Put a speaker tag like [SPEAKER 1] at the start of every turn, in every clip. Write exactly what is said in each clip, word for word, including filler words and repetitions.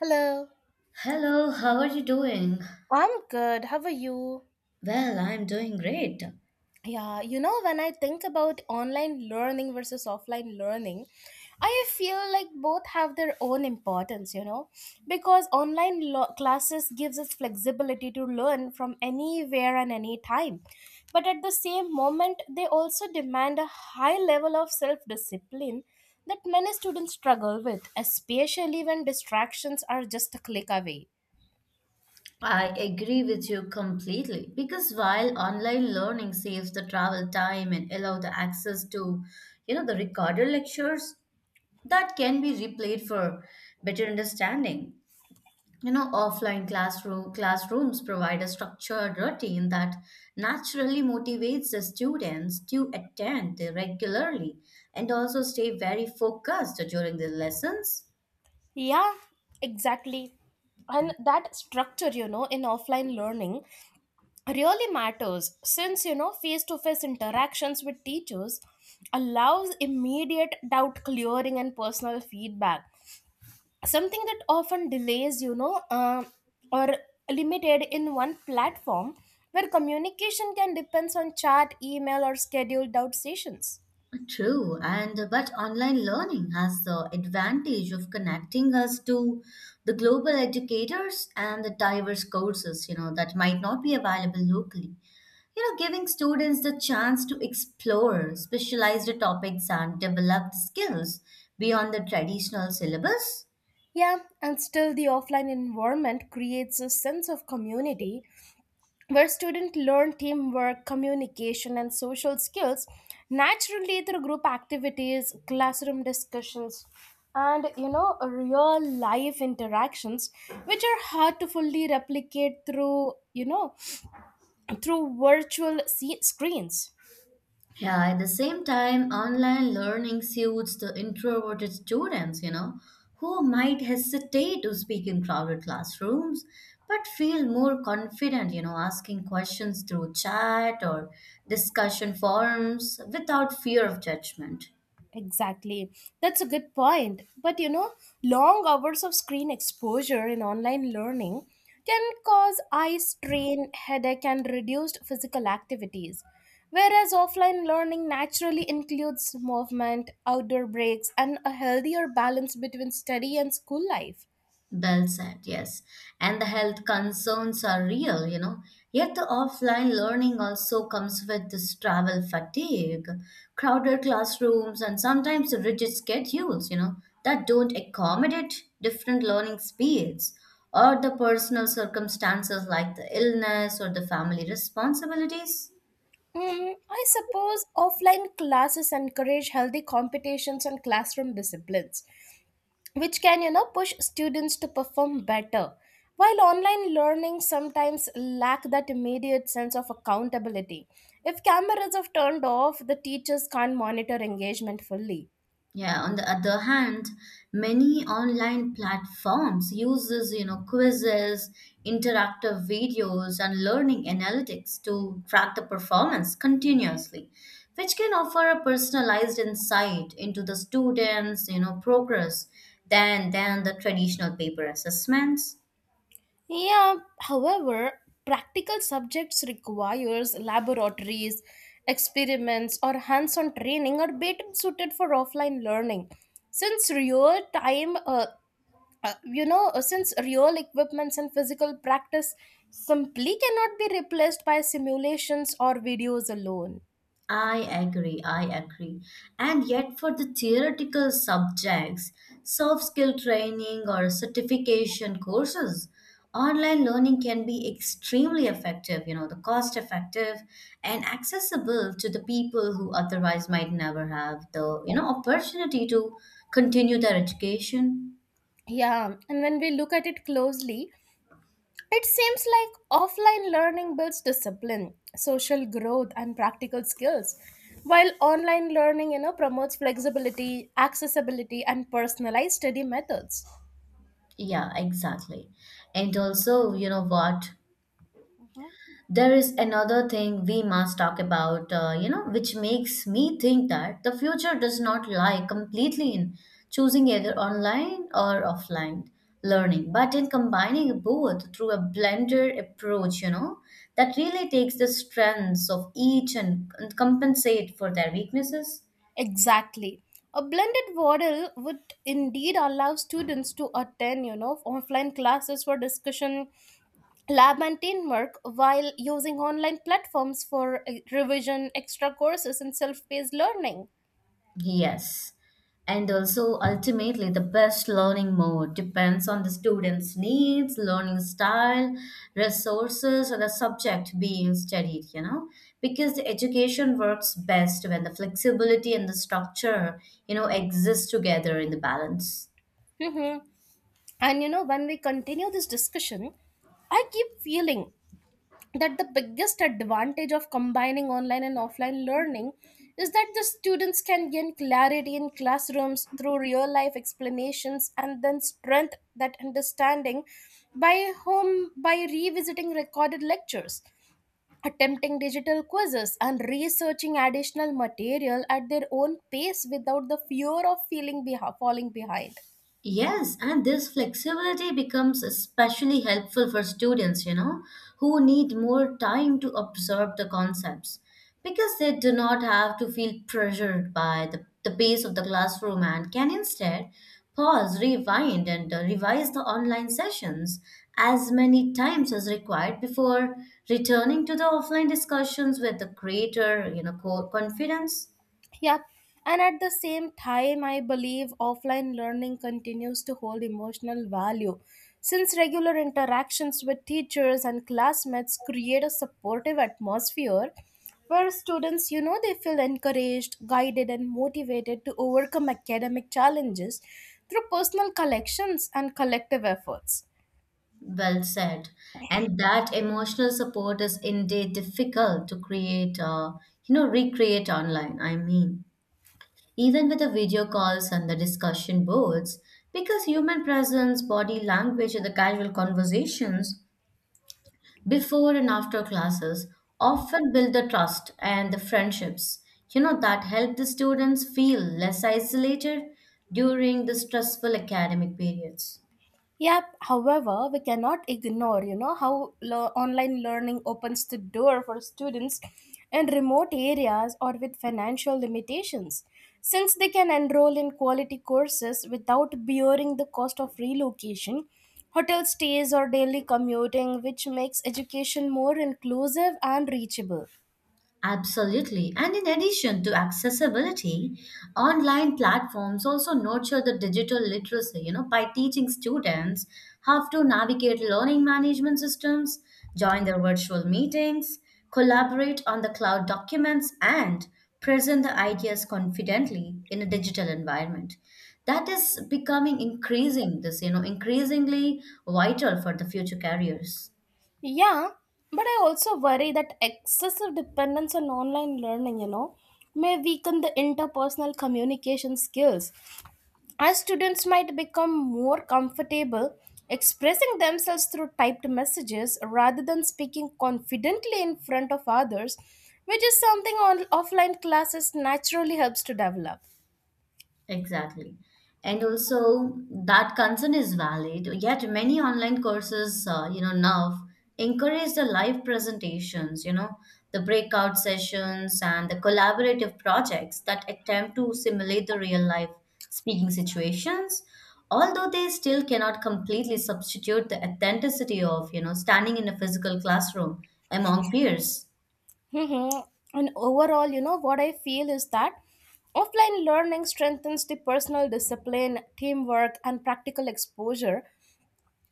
[SPEAKER 1] Hello.
[SPEAKER 2] Hello, how are you doing?
[SPEAKER 1] I'm good. How are you?
[SPEAKER 2] Well, I'm doing great.
[SPEAKER 1] Yeah, you know, when I think about online learning versus offline learning, I feel like both have their own importance, you know, because online lo- classes gives us flexibility to learn from anywhere and any time. But at the same moment, they also demand a high level of self-discipline that many students struggle with, especially when distractions are just a click away.
[SPEAKER 2] I agree with you completely because while online learning saves the travel time and allow the access to, you know, the recorded lectures that can be replayed for better understanding. You know, offline classroom classrooms provide a structured routine that naturally motivates the students to attend regularly and also stay very focused during the lessons.
[SPEAKER 1] Yeah, exactly. And that structure, you know, in offline learning really matters since, you know, face to face interactions with teachers allows immediate doubt clearing and personal feedback. Something that often delays, you know, uh, or limited in one platform where communication can depends on chat, email, or scheduled out sessions.
[SPEAKER 2] True, and but online learning has the advantage of connecting us to the global educators and the diverse courses, you know, that might not be available locally. You know, giving students the chance to explore specialized topics and develop skills beyond the traditional syllabus.
[SPEAKER 1] Yeah, and still the offline environment creates a sense of community where students learn teamwork, communication, and social skills naturally through group activities, classroom discussions, and you know, real life interactions, which are hard to fully replicate through you know, through virtual se- screens.
[SPEAKER 2] Yeah, at the same time, online learning suits the introverted students, you know, who might hesitate to speak in crowded classrooms, but feel more confident, you know, asking questions through chat or discussion forums without fear of judgment.
[SPEAKER 1] Exactly. That's a good point. But you know, long hours of screen exposure in online learning can cause eye strain, headache, and reduced physical activities. Whereas offline learning naturally includes movement, outdoor breaks, and a healthier balance between study and school life.
[SPEAKER 2] Well said, yes. And the health concerns are real, you know. Yet the offline learning also comes with this travel fatigue, crowded classrooms, and sometimes rigid schedules, you know, that don't accommodate different learning speeds or the personal circumstances like the illness or the family responsibilities.
[SPEAKER 1] Mm, I suppose offline classes encourage healthy competitions and classroom disciplines which can you know push students to perform better while online learning sometimes lack that immediate sense of accountability if cameras are turned off the teachers can't monitor engagement fully.
[SPEAKER 2] Yeah, on the other hand, many online platforms uses, you know, quizzes, interactive videos, and learning analytics to track the performance continuously, which can offer a personalized insight into the students, you know, progress than than the traditional paper assessments.
[SPEAKER 1] Yeah, however practical subjects requires laboratories experiments or hands-on training are better suited for offline learning since real time uh, uh, you know uh, since real equipments and physical practice simply cannot be replaced by simulations or videos alone.
[SPEAKER 2] I agree, I agree. And yet, for the theoretical subjects, soft skill training or certification courses, online learning can be extremely effective, you know, the cost effective and accessible to the people who otherwise might never have the, you know, opportunity to continue their education.
[SPEAKER 1] Yeah, and when we look at it closely it seems like offline learning builds discipline social growth and practical skills while online learning you know promotes flexibility accessibility and personalized study methods.
[SPEAKER 2] Yeah, exactly. And also, you know what? There is another thing we must talk about, uh, you know, which makes me think that the future does not lie completely in choosing either online or offline learning, but in combining both through a blended approach, you know, that really takes the strengths of each and compensate for their weaknesses.
[SPEAKER 1] Exactly. A blended model would indeed allow students to attend, you know, offline classes for discussion, lab and teamwork, while using online platforms for uh, revision, extra courses, and self-paced learning.
[SPEAKER 2] Yes. And also, ultimately, the best learning mode depends on the student's needs, learning style, resources, or the subject being studied, you know, because the education works best when the flexibility and the structure, you know, exist together in the balance.
[SPEAKER 1] Mhm. And you know, when we continue this discussion, I keep feeling that the biggest advantage of combining online and offline learning is that the students can gain clarity in classrooms through real life explanations and then strength that understanding by home by revisiting recorded lectures attempting digital quizzes and researching additional material at their own pace without the fear of feeling behi- falling behind.
[SPEAKER 2] Yes, and this flexibility becomes especially helpful for students, you know, who need more time to absorb the concepts because they do not have to feel pressured by the, the pace of the classroom and can instead pause, rewind, and uh, revise the online sessions as many times as required before returning to the offline discussions with the greater, you know, co- confidence.
[SPEAKER 1] Yep. And at the same time, I believe offline learning continues to hold emotional value since regular interactions with teachers and classmates create a supportive atmosphere where students, you know, they feel encouraged, guided, and motivated to overcome academic challenges through personal collections and collective efforts.
[SPEAKER 2] Well said. And that emotional support is indeed difficult to create, uh, you know, recreate online. I mean, even with the video calls and the discussion boards, because human presence, body language, and the casual conversations before and after classes often build the trust and the friendships, you know, that help the students feel less isolated during the stressful academic periods.
[SPEAKER 1] Yep. However, we cannot ignore, you know, how le- online learning opens the door for students in remote areas or with financial limitations, since they can enroll in quality courses without bearing the cost of relocation, hotel stays, or daily commuting, which makes education more inclusive and reachable.
[SPEAKER 2] Absolutely. And in addition to accessibility, online platforms also nurture the digital literacy, you know, by teaching students how to navigate learning management systems, join their virtual meetings, collaborate on the cloud documents, and present the ideas confidently in a digital environment. That is becoming increasing this, you know, increasingly vital for the future careers.
[SPEAKER 1] Yeah, but I also worry that excessive dependence on online learning, you know, may weaken the interpersonal communication skills, as students might become more comfortable expressing themselves through typed messages rather than speaking confidently in front of others, which is something on offline classes naturally helps to develop.
[SPEAKER 2] Exactly. And also that concern is valid, yet many online courses, uh, you know, now encourage the live presentations, you know, the breakout sessions and the collaborative projects that attempt to simulate the real life speaking situations, although they still cannot completely substitute the authenticity of, you know, standing in a physical classroom among peers.
[SPEAKER 1] Mhm. And overall, you know, what I feel is that offline learning strengthens the personal discipline, teamwork, and practical exposure,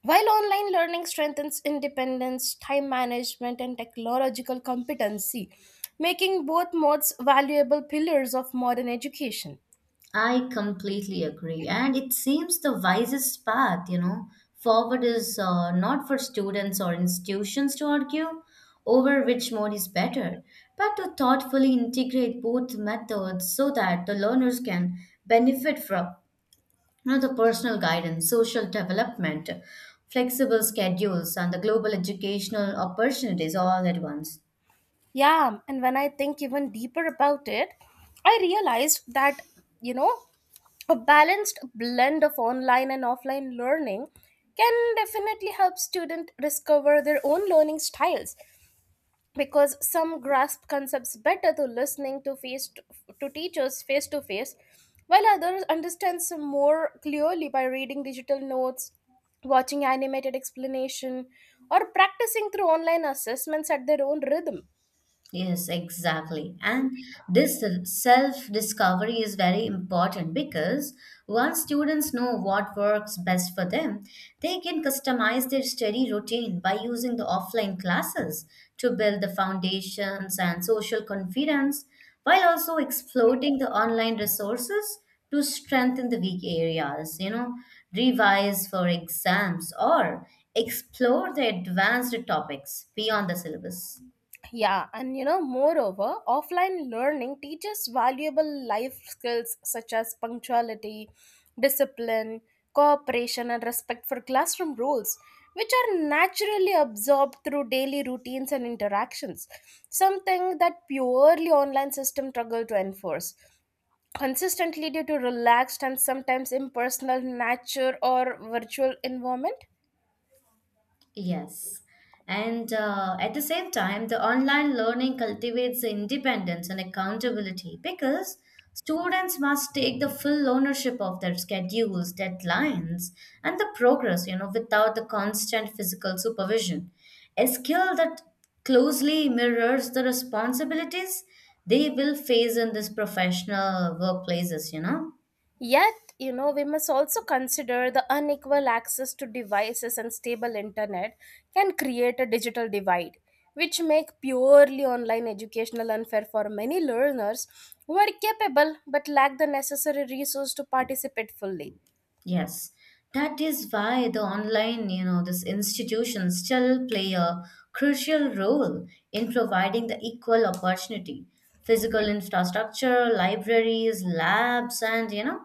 [SPEAKER 1] while online learning strengthens independence, time management, and technological competency, making both modes valuable pillars of modern education.
[SPEAKER 2] I completely agree. And it seems the wisest path, you know. Forward is uh, not for students or institutions to argue over which mode is better, but to thoughtfully integrate both methods so that the learners can benefit from you know, the personal guidance, social development, flexible schedules, and the global educational opportunities all at once.
[SPEAKER 1] Yeah, and when I think even deeper about it, I realized that, you know, a balanced blend of online and offline learning can definitely help students discover their own learning styles because some grasp concepts better through listening to face to, to teachers face to face while others understand some more clearly by reading digital notes watching animated explanation or practicing through online assessments at their own rhythm.
[SPEAKER 2] Yes, exactly. And this self discovery is very important because once students know what works best for them, they can customize their study routine by using the offline classes to build the foundations and social confidence while also exploiting the online resources to strengthen the weak areas, you know, revise for exams or explore the advanced topics beyond the syllabus.
[SPEAKER 1] Yeah, and you know, moreover, offline learning teaches valuable life skills such as punctuality, discipline, cooperation, and respect for classroom rules, which are naturally absorbed through daily routines and interactions, something that purely online system struggle to enforce consistently due to relaxed and sometimes impersonal nature or virtual environment.
[SPEAKER 2] Yes. And uh, at the same time, the online learning cultivates the independence and accountability because students must take the full ownership of their schedules, deadlines, and the progress, you know, without the constant physical supervision. A skill that closely mirrors the responsibilities they will face in this professional workplaces, you know.
[SPEAKER 1] Yet, you know, we must also consider the unequal access to devices and stable internet can create a digital divide, which make purely online educational unfair for many learners who are capable but lack the necessary resource to participate fully.
[SPEAKER 2] Yes, that is why the online, you know, this institutions still play a crucial role in providing the equal opportunity. Physical infrastructure, libraries, labs, and you know,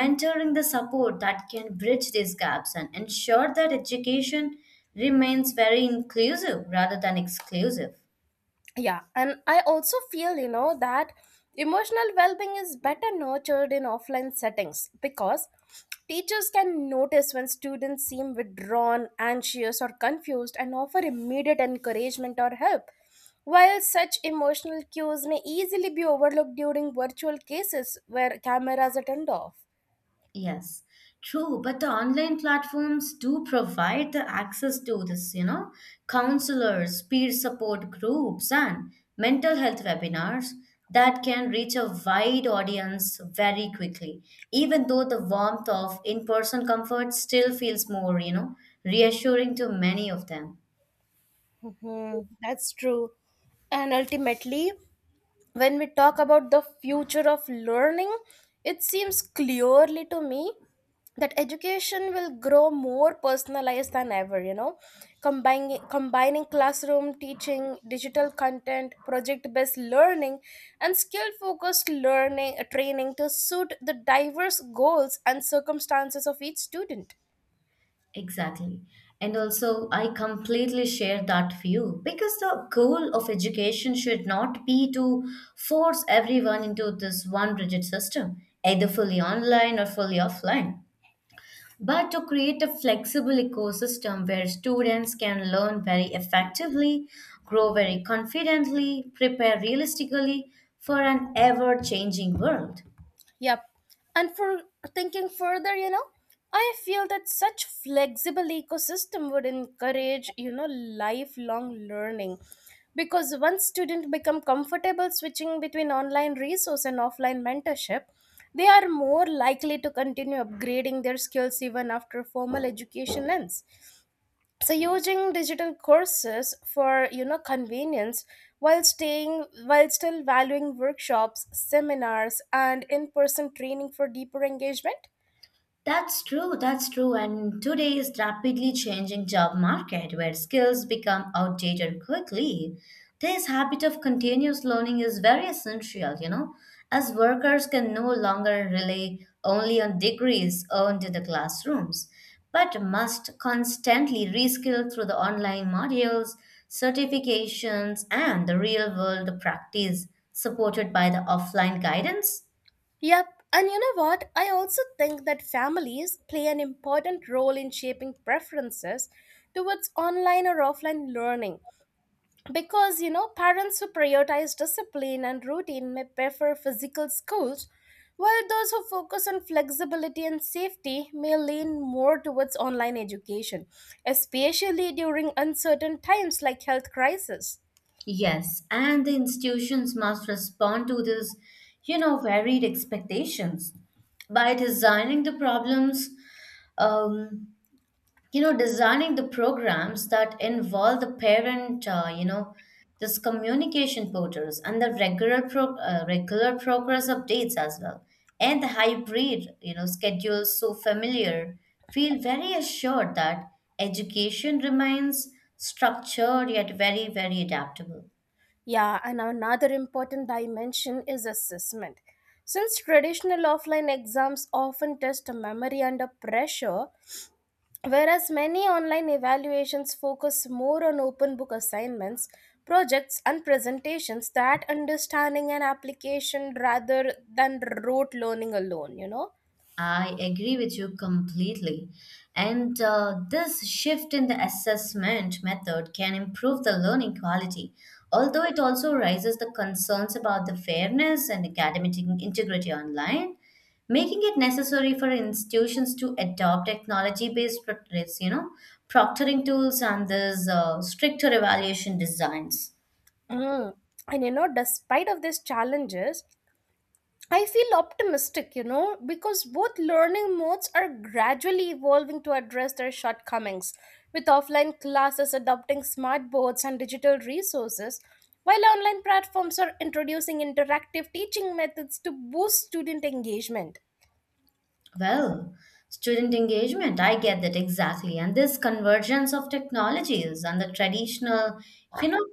[SPEAKER 2] mentoring the support that can bridge these gaps and ensure that education remains very inclusive rather than exclusive.
[SPEAKER 1] Yeah, and I also feel you know that emotional well-being is better nurtured in offline settings because teachers can notice when students seem withdrawn anxious or confused and offer immediate encouragement or help while such emotional cues may easily be overlooked during virtual cases where cameras are turned off.
[SPEAKER 2] Yes, true. But the online platforms do provide the access to this, you know, counselors, peer support groups, and mental health webinars that can reach a wide audience very quickly. Even though the warmth of in person comfort still feels more, you know, reassuring to many of them.
[SPEAKER 1] Hmm, that's true. And ultimately when we talk about the future of learning, it seems clearly to me that education will grow more personalized than ever, you know, combining, combining classroom teaching, digital content, project based learning, and skill focused learning training to suit the diverse goals and circumstances of each student.
[SPEAKER 2] Exactly. And also, I completely share that view because the goal of education should not be to force everyone into this one rigid system, either fully online or fully offline, but to create a flexible ecosystem where students can learn very effectively, grow very confidently, prepare realistically for an ever changing world.
[SPEAKER 1] Yep. And for thinking further, you know, I feel that such flexible ecosystem would encourage, you know, lifelong learning because once students become comfortable switching between online resource and offline mentorship, they are more likely to continue upgrading their skills even after formal education ends, so using digital courses for you know convenience while staying while still valuing workshops seminars and in-person training for deeper engagement.
[SPEAKER 2] That's true, that's true. And today's rapidly changing job market, where skills become outdated quickly, this habit of continuous learning is very essential, you know, as workers can no longer rely only on degrees earned in the classrooms, but must constantly reskill through the online modules, certifications, and the real world practice supported by the offline guidance.
[SPEAKER 1] Yep, and you know what I also think that families play an important role in shaping preferences towards online or offline learning because you know parents who prioritize discipline and routine may prefer physical schools while those who focus on flexibility and safety may lean more towards online education especially during uncertain times like health crisis.
[SPEAKER 2] Yes, and the institutions must respond to this, you know, varied expectations by designing the problems, um, you know, designing the programs that involve the parent, uh, you know, this communication portals and the regular pro uh, regular progress updates as well, and the hybrid, you know, schedules so familiar, feel very assured that education remains structured yet very, very adaptable.
[SPEAKER 1] Yeah, and another important dimension is assessment since traditional offline exams often test memory under pressure. Whereas many online evaluations focus more on open book assignments, projects, and presentations, that understanding and application rather than rote learning alone, you know.
[SPEAKER 2] I agree with you completely. And uh, this shift in the assessment method can improve the learning quality, although it also raises the concerns about the fairness and academic integrity online, making it necessary for institutions to adopt technology-based, pro- you know, proctoring tools and these uh, stricter evaluation designs.
[SPEAKER 1] Mm. And you know, despite of these challenges, I feel optimistic, you know, because both learning modes are gradually evolving to address their shortcomings, with offline classes adopting smart boards and digital resources, while online platforms are introducing interactive teaching methods to boost student engagement.
[SPEAKER 2] Well, student engagement, I get that exactly. And this convergence of technologies and the traditional, you know,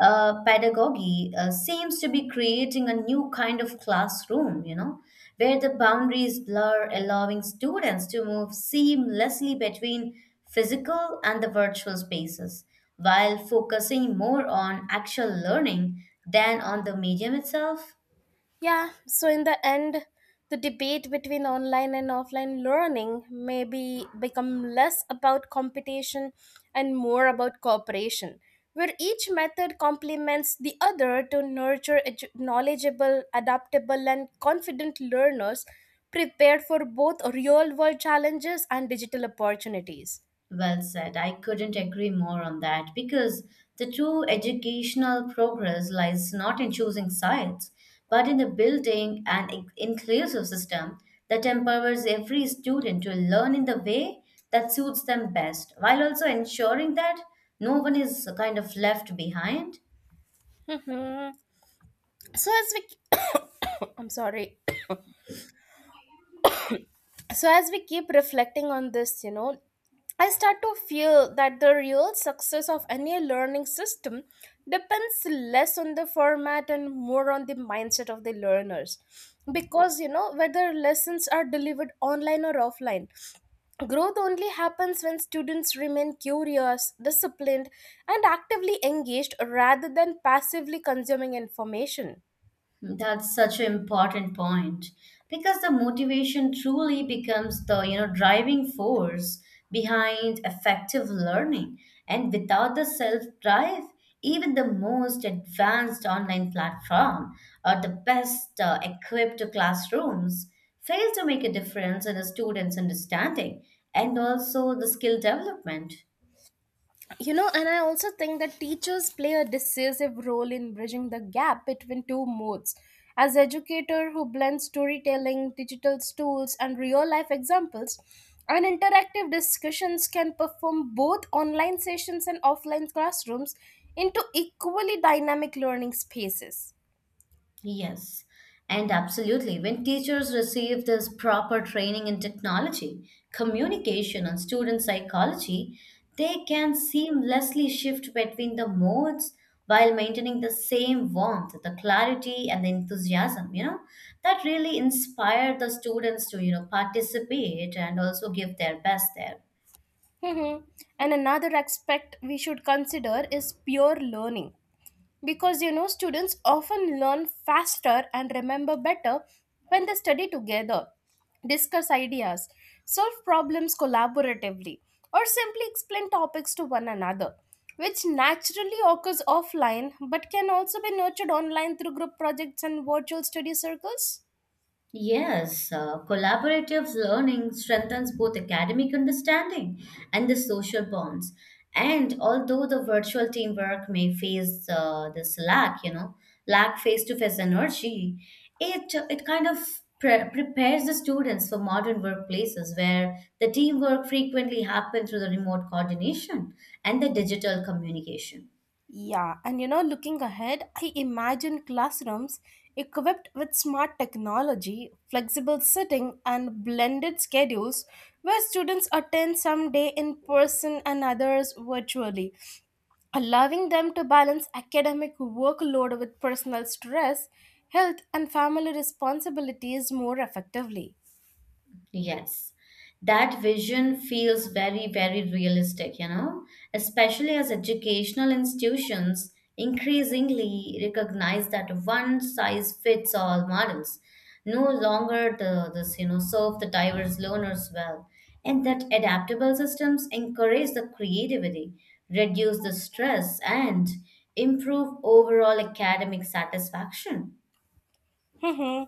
[SPEAKER 2] uh, pedagogy uh, seems to be creating a new kind of classroom, you know, where the boundaries blur, allowing students to move seamlessly between physical and the virtual spaces, while focusing more on actual learning than on the medium itself.
[SPEAKER 1] Yeah, so in the end, the debate between online and offline learning maybe become less about competition and more about cooperation, where each method complements the other to nurture edu- knowledgeable, adaptable, and confident learners prepared for both real world challenges and digital opportunities.
[SPEAKER 2] Well said. I couldn't agree more on that because the true educational progress lies not in choosing sides, but in the building an in- inclusive system that empowers every student to learn in the way that suits them best, while also ensuring that no one is kind of left behind.
[SPEAKER 1] Mhm. So, as we, I'm sorry. So as we keep reflecting on this you know I start to feel that the real success of any learning system depends less on the format and more on the mindset of the learners because you know whether lessons are delivered online or offline growth only happens when students remain curious disciplined and actively engaged rather than passively consuming information.
[SPEAKER 2] That's such an important point because the motivation truly becomes the you know driving force behind effective learning and without the self drive even the most advanced online platform or the best uh, equipped classrooms fail to make a difference in a student's understanding and also the skill development.
[SPEAKER 1] You know, and I also think that teachers play a decisive role in bridging the gap between two modes. As educator who blends storytelling, digital tools, and real life examples, and interactive discussions can perform both online sessions and offline classrooms into equally dynamic learning spaces.
[SPEAKER 2] Yes, and absolutely. When teachers receive this proper training in technology, communication, and student psychology, they can seamlessly shift between the modes while maintaining the same warmth, the clarity, and the enthusiasm. You know, that really inspire the students to, you know, participate and also give their best there.
[SPEAKER 1] Mhm. And another aspect we should consider is peer learning because you know students often learn faster and remember better when they study together discuss ideas solve problems collaboratively or simply explain topics to one another which naturally occurs offline but can also be nurtured online through group projects and virtual study circles.
[SPEAKER 2] Yes, uh, collaborative learning strengthens both academic understanding and the social bonds. And although the virtual teamwork may face uh, this lack, you know, lack face-to-face energy, it it kind of pre- prepares the students for modern workplaces where the teamwork frequently happens through the remote coordination and the digital communication.
[SPEAKER 1] Yeah, and you know, looking ahead, I imagine classrooms equipped with smart technology, flexible sitting, and blended schedules where students attend some day in person and others virtually, allowing them to balance academic workload with personal stress, health, and family responsibilities more effectively.
[SPEAKER 2] Yes, that vision feels very, very realistic, you know, especially as educational institutions increasingly recognize that one size fits all models no longer the this you know serve the diverse learners well, and that adaptable systems encourage the creativity, reduce the stress, and improve overall academic satisfaction.
[SPEAKER 1] hmm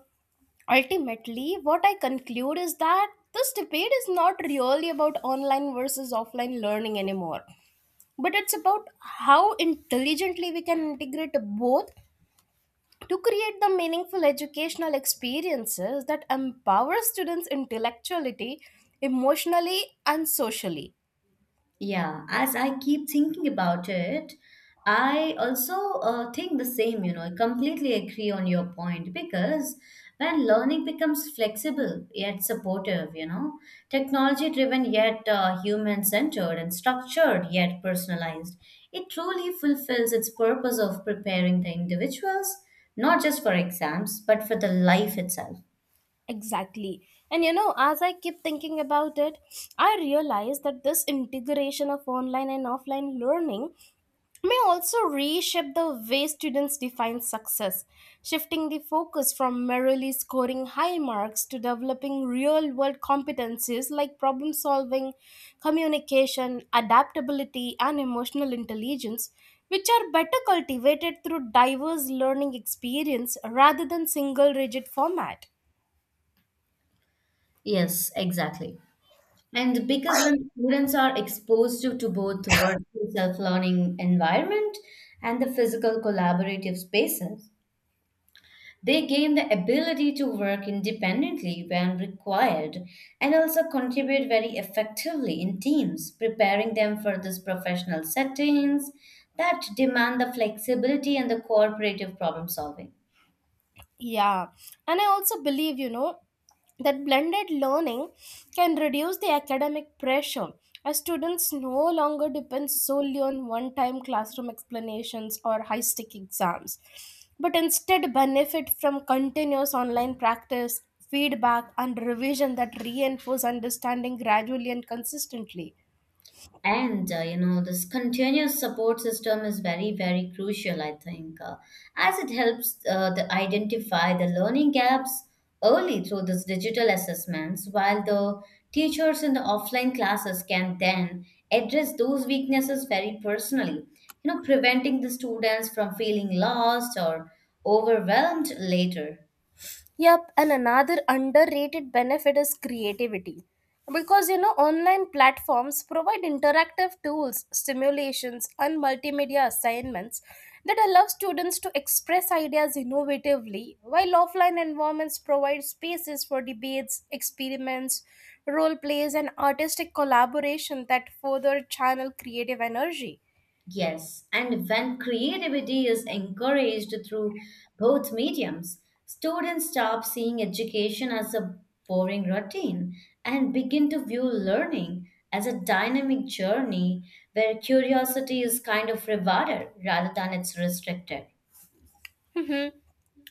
[SPEAKER 1] Ultimately, what I conclude is that this debate is not really about online versus offline learning anymore, but it's about how intelligently we can integrate both to create the meaningful educational experiences that empower students intellectually emotionally and socially.
[SPEAKER 2] Yeah, as I keep thinking about it, I also uh, think the same, you know, I completely agree on your point because when learning becomes flexible yet supportive, you know, technology driven yet uh, human centered and structured yet personalized, it truly fulfills its purpose of preparing the individuals, not just for exams, but for the life itself.
[SPEAKER 1] Exactly, and you know as I keep thinking about it, I realize that this integration of online and offline learning may also reshape the way students define success, shifting the focus from merely scoring high marks to developing real world competencies like problem solving, communication, adaptability, and emotional intelligence, which are better cultivated through diverse learning experience rather than single rigid format.
[SPEAKER 2] Yes, exactly. And because when students are exposed to, to both the virtual self-learning environment and the physical collaborative spaces, they gain the ability to work independently when required and also contribute very effectively in teams, preparing them for these professional settings that demand the flexibility and the cooperative problem solving.
[SPEAKER 1] Yeah, and I also believe, you know, that blended learning can reduce the academic pressure as students no longer depend solely on one time classroom explanations or high stake exams, but instead benefit from continuous online practice, feedback, and revision that reinforce understanding gradually and consistently.
[SPEAKER 2] And uh, you know, this continuous support system is very, very crucial, I think, uh, as it helps uh, the identify the learning gaps early through these digital assessments, while the teachers in the offline classes can then address those weaknesses very personally, you know, preventing the students from feeling lost or overwhelmed later.
[SPEAKER 1] Yep, and another underrated benefit is creativity. Because you know, online platforms provide interactive tools, simulations, and multimedia assignments that allow students to express ideas innovatively, while offline environments provide spaces for debates, experiments, role plays, and artistic collaboration that further channel creative energy.
[SPEAKER 2] Yes, and when creativity is encouraged through both mediums, students stop seeing education as a boring routine and begin to view learning as a dynamic journey where curiosity is kind of rewarded rather than it's restricted.
[SPEAKER 1] Mm-hmm.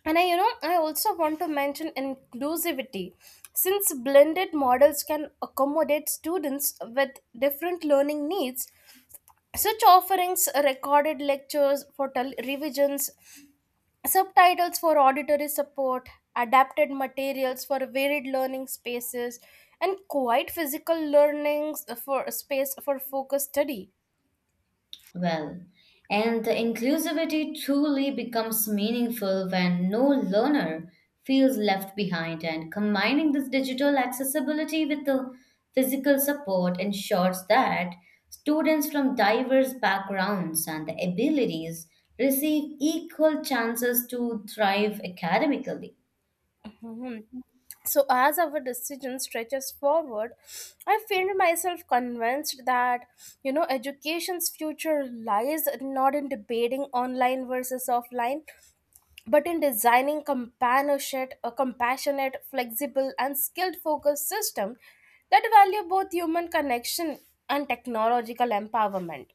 [SPEAKER 1] And I, you know, I also want to mention inclusivity. Since blended models can accommodate students with different learning needs, such offerings, recorded lectures for tel- revisions, subtitles for auditory support, adapted materials for varied learning spaces, and quite physical learnings for space for focused study.
[SPEAKER 2] Well, and the inclusivity truly becomes meaningful when no learner feels left behind, and combining this digital accessibility with the physical support ensures that students from diverse backgrounds and abilities receive equal chances to thrive academically.
[SPEAKER 1] Mhm. So as our decision stretches forward, I feel myself convinced that you know education's future lies not in debating online versus offline, but in designing companionship, a compassionate, flexible, and skilled focused system that value both human connection and technological empowerment.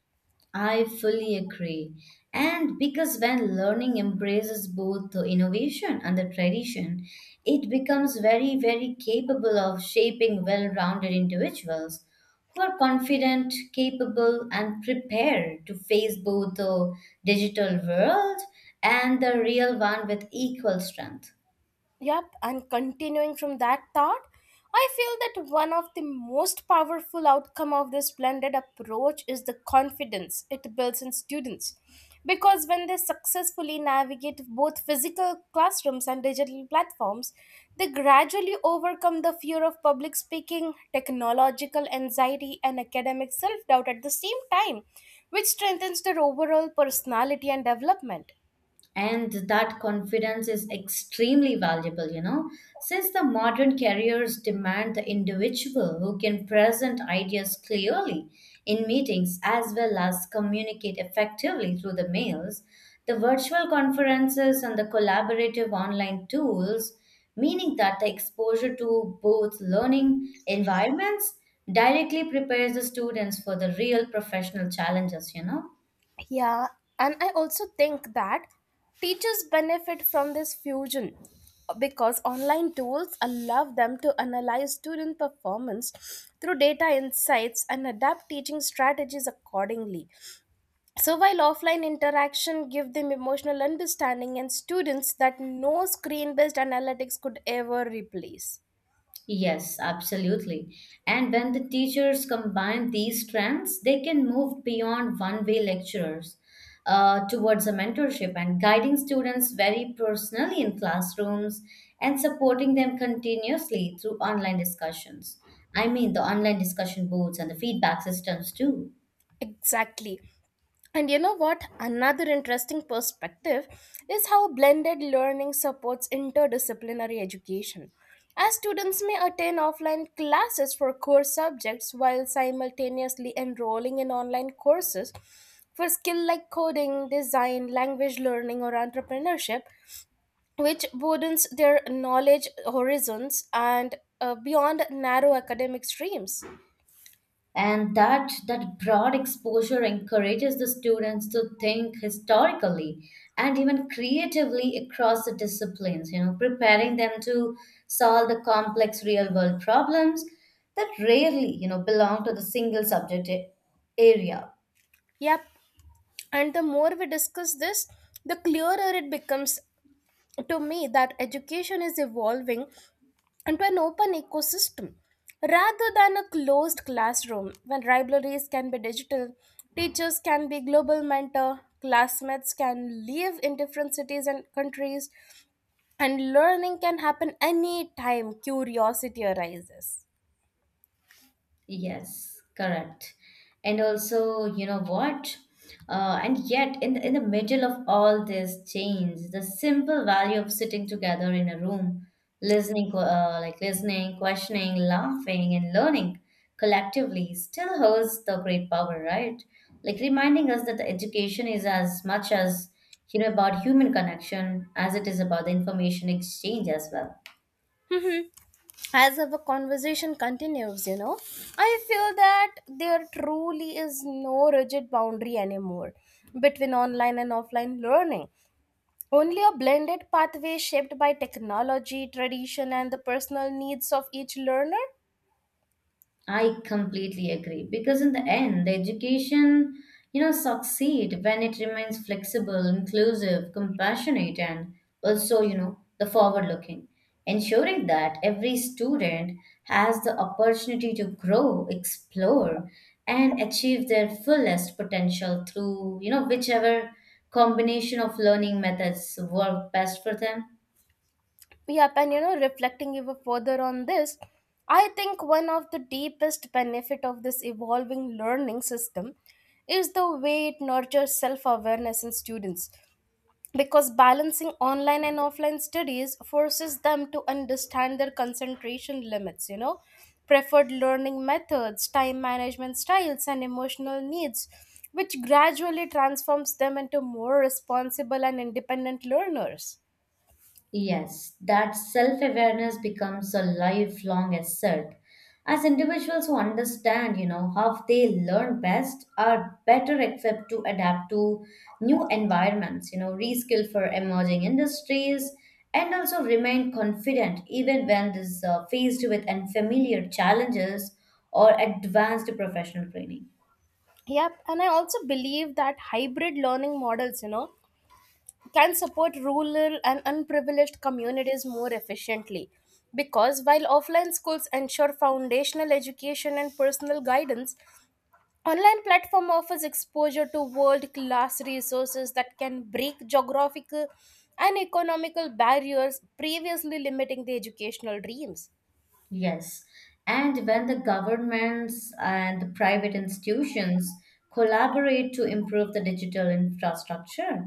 [SPEAKER 2] I fully agree. And because when learning embraces both the innovation and the tradition, it becomes very, very capable of shaping well rounded individuals who are confident, capable, and prepared to face both the digital world and the real one with equal strength.
[SPEAKER 1] Yep, and continuing from that thought, I feel that one of the most powerful outcome of this blended approach is the confidence it builds in students. Because when they successfully navigate both physical classrooms and digital platforms, they gradually overcome the fear of public speaking, technological anxiety, and academic self doubt at the same time, which strengthens their overall personality and development.
[SPEAKER 2] And that confidence is extremely valuable, you know, since the modern careers demand the individual who can present ideas clearly in meetings as well as communicate effectively through the mails, the virtual conferences and the collaborative online tools, meaning that the exposure to both learning environments directly prepares the students for the real professional challenges, you know.
[SPEAKER 1] Yeah, and I also think that teachers benefit from this fusion because online tools allow them to analyze student performance through data insights and adapt teaching strategies accordingly. So while offline interaction give them emotional understanding and students that no screen-based analytics could ever replace.
[SPEAKER 2] Yes, absolutely. And when the teachers combine these strengths, they can move beyond one-way lecturers uh, towards a mentorship and guiding students very personally in classrooms and supporting them continuously through online discussions. I mean, the online discussion boards and the feedback systems too.
[SPEAKER 1] Exactly. And you know what? Another interesting perspective is how blended learning supports interdisciplinary education. As students may attend offline classes for core subjects while simultaneously enrolling in online courses for skill like coding, design, language learning, or entrepreneurship, which broadens their knowledge horizons and uh, beyond narrow academic streams.
[SPEAKER 2] And that that broad exposure encourages the students to think historically and even creatively across the disciplines, you know, preparing them to solve the complex real world problems that rarely, you know, belong to the single subject a- area.
[SPEAKER 1] Yep, and the more we discuss this, the clearer it becomes to me that education is evolving into an open ecosystem rather than a closed classroom when libraries can be digital, teachers can be global mentor, classmates can live in different cities and countries, and learning can happen anytime curiosity arises.
[SPEAKER 2] Yes, correct. And also, you know what? Uh, and yet, in the, in the middle of all this change, the simple value of sitting together in a room, listening, uh, like listening, questioning, laughing, and learning collectively still holds the great power, right? Like reminding us that the education is as much as, you know, about human connection as it is about the information exchange as well.
[SPEAKER 1] Mhm. As our conversation continues, you know I feel that there truly is no rigid boundary anymore between online and offline learning. Only a blended pathway shaped by technology, tradition, and the personal needs of each learner.
[SPEAKER 2] I completely agree because in the end, the education, you know, succeed when it remains flexible, inclusive, compassionate, and also, you know, the forward-looking, ensuring that every student has the opportunity to grow, explore, and achieve their fullest potential through, you know, whichever combination of learning methods work best for them.
[SPEAKER 1] Yep, and you know, reflecting even further on this, I think one of the deepest benefit of this evolving learning system is the way it nurtures self-awareness in students. Because balancing online and offline studies forces them to understand their concentration limits, you know preferred learning methods, time management styles, and emotional needs, which gradually transforms them into more responsible and independent learners.
[SPEAKER 2] Yes, that self awareness becomes a lifelong asset. As individuals who understand, you know, how they learn best are better equipped to adapt to new environments, you know, reskill for emerging industries, and also remain confident even when this uh, faced with unfamiliar challenges or advanced professional training.
[SPEAKER 1] Yep, and I also believe that hybrid learning models, you know, can support rural and unprivileged communities more efficiently. Because while offline schools ensure foundational education and personal guidance, online platform offers exposure to world-class resources that can break geographical and economical barriers previously limiting the educational dreams.
[SPEAKER 2] Yes. And when the governments and the private institutions collaborate to improve the digital infrastructure,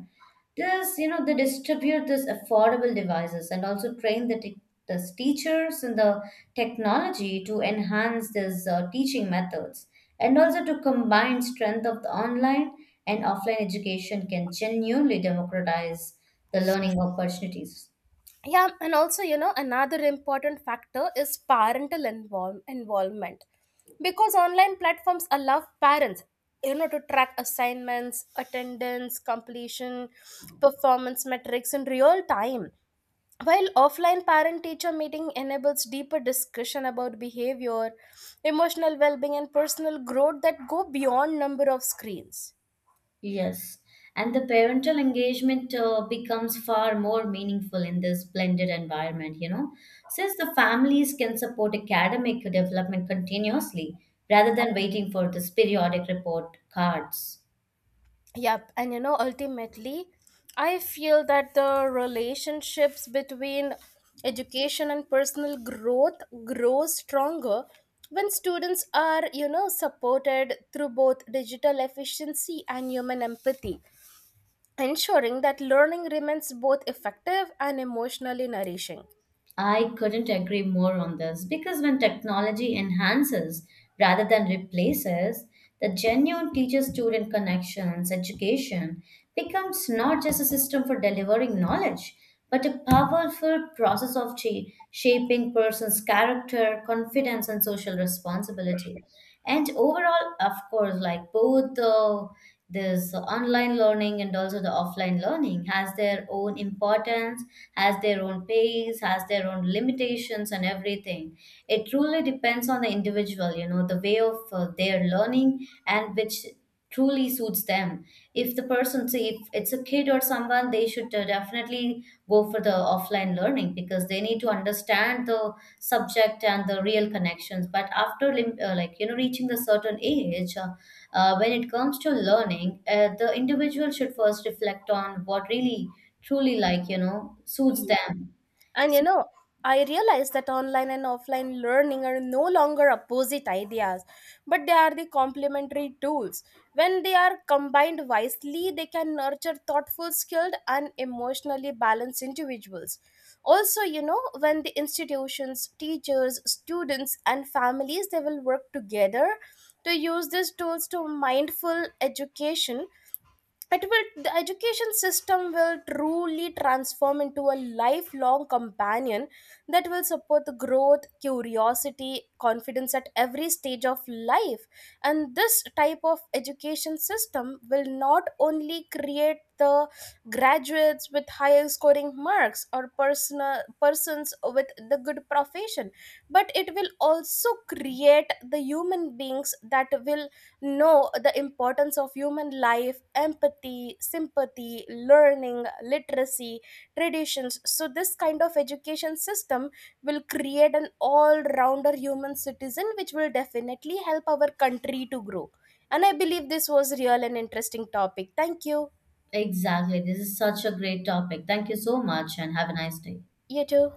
[SPEAKER 2] this, you know, they distribute this affordable devices and also train the, te- the teachers and the technology to enhance these uh, teaching methods and also to combine strength of the online and offline education can genuinely democratize the learning opportunities.
[SPEAKER 1] Yeah, and also, you know another important factor is parental invol- involvement, because online platforms allow parents, you know to track assignments, attendance completion, performance metrics in real time, while offline parent teacher meeting enables deeper discussion about behavior, emotional well-being, and personal growth that go beyond number of screens.
[SPEAKER 2] Yes, and the parental engagement uh, becomes far more meaningful in this blended environment, you know, since the families can support academic development continuously rather than waiting for this periodic report cards.
[SPEAKER 1] Yep, and you know, ultimately, I feel that the relationships between education and personal growth grows stronger when students are, you know, supported through both digital efficiency and human empathy, ensuring that learning remains both effective and emotionally nourishing.
[SPEAKER 2] I couldn't agree more on this because when technology enhances rather than replaces, the genuine teacher student connections, education becomes not just a system for delivering knowledge, but a powerful process of cha- shaping person's character, confidence, and social responsibility. And overall, of course, like both the this online learning and also the offline learning has their own importance, has their own pace, has their own limitations and everything. It truly depends on the individual, you know, the way of uh, their learning and which truly suits them. If the person, say, if it's a kid or someone, they should uh, definitely go for the offline learning because they need to understand the subject and the real connections. But after lim- uh, like you know reaching the certain age, uh, uh, when it comes to learning, uh, the individual should first reflect on what really truly, like, you know, suits
[SPEAKER 1] Yeah.
[SPEAKER 2] them.
[SPEAKER 1] And you
[SPEAKER 2] So,
[SPEAKER 1] know, I realize that online and offline learning are no longer opposite ideas, but they are the complementary tools. When they are combined wisely, they can nurture thoughtful, skilled, and emotionally balanced individuals. Also, you know, when the institutions, teachers, students, and families they will work together to use these tools to mindful education, it will the education system will truly transform into a lifelong companion that will support the growth, curiosity, confidence at every stage of life. And this type of education system will not only create the graduates with higher scoring marks or personal persons with the good profession, but it will also create the human beings that will know the importance of human life, empathy, sympathy, learning, literacy, traditions. So, this kind of education system will create an all rounder human citizen, which will definitely help our country to grow. And I believe this was real and interesting topic. Thank you.
[SPEAKER 2] exactly, this is such a great topic. Thank you so much and have a nice day.
[SPEAKER 1] You too.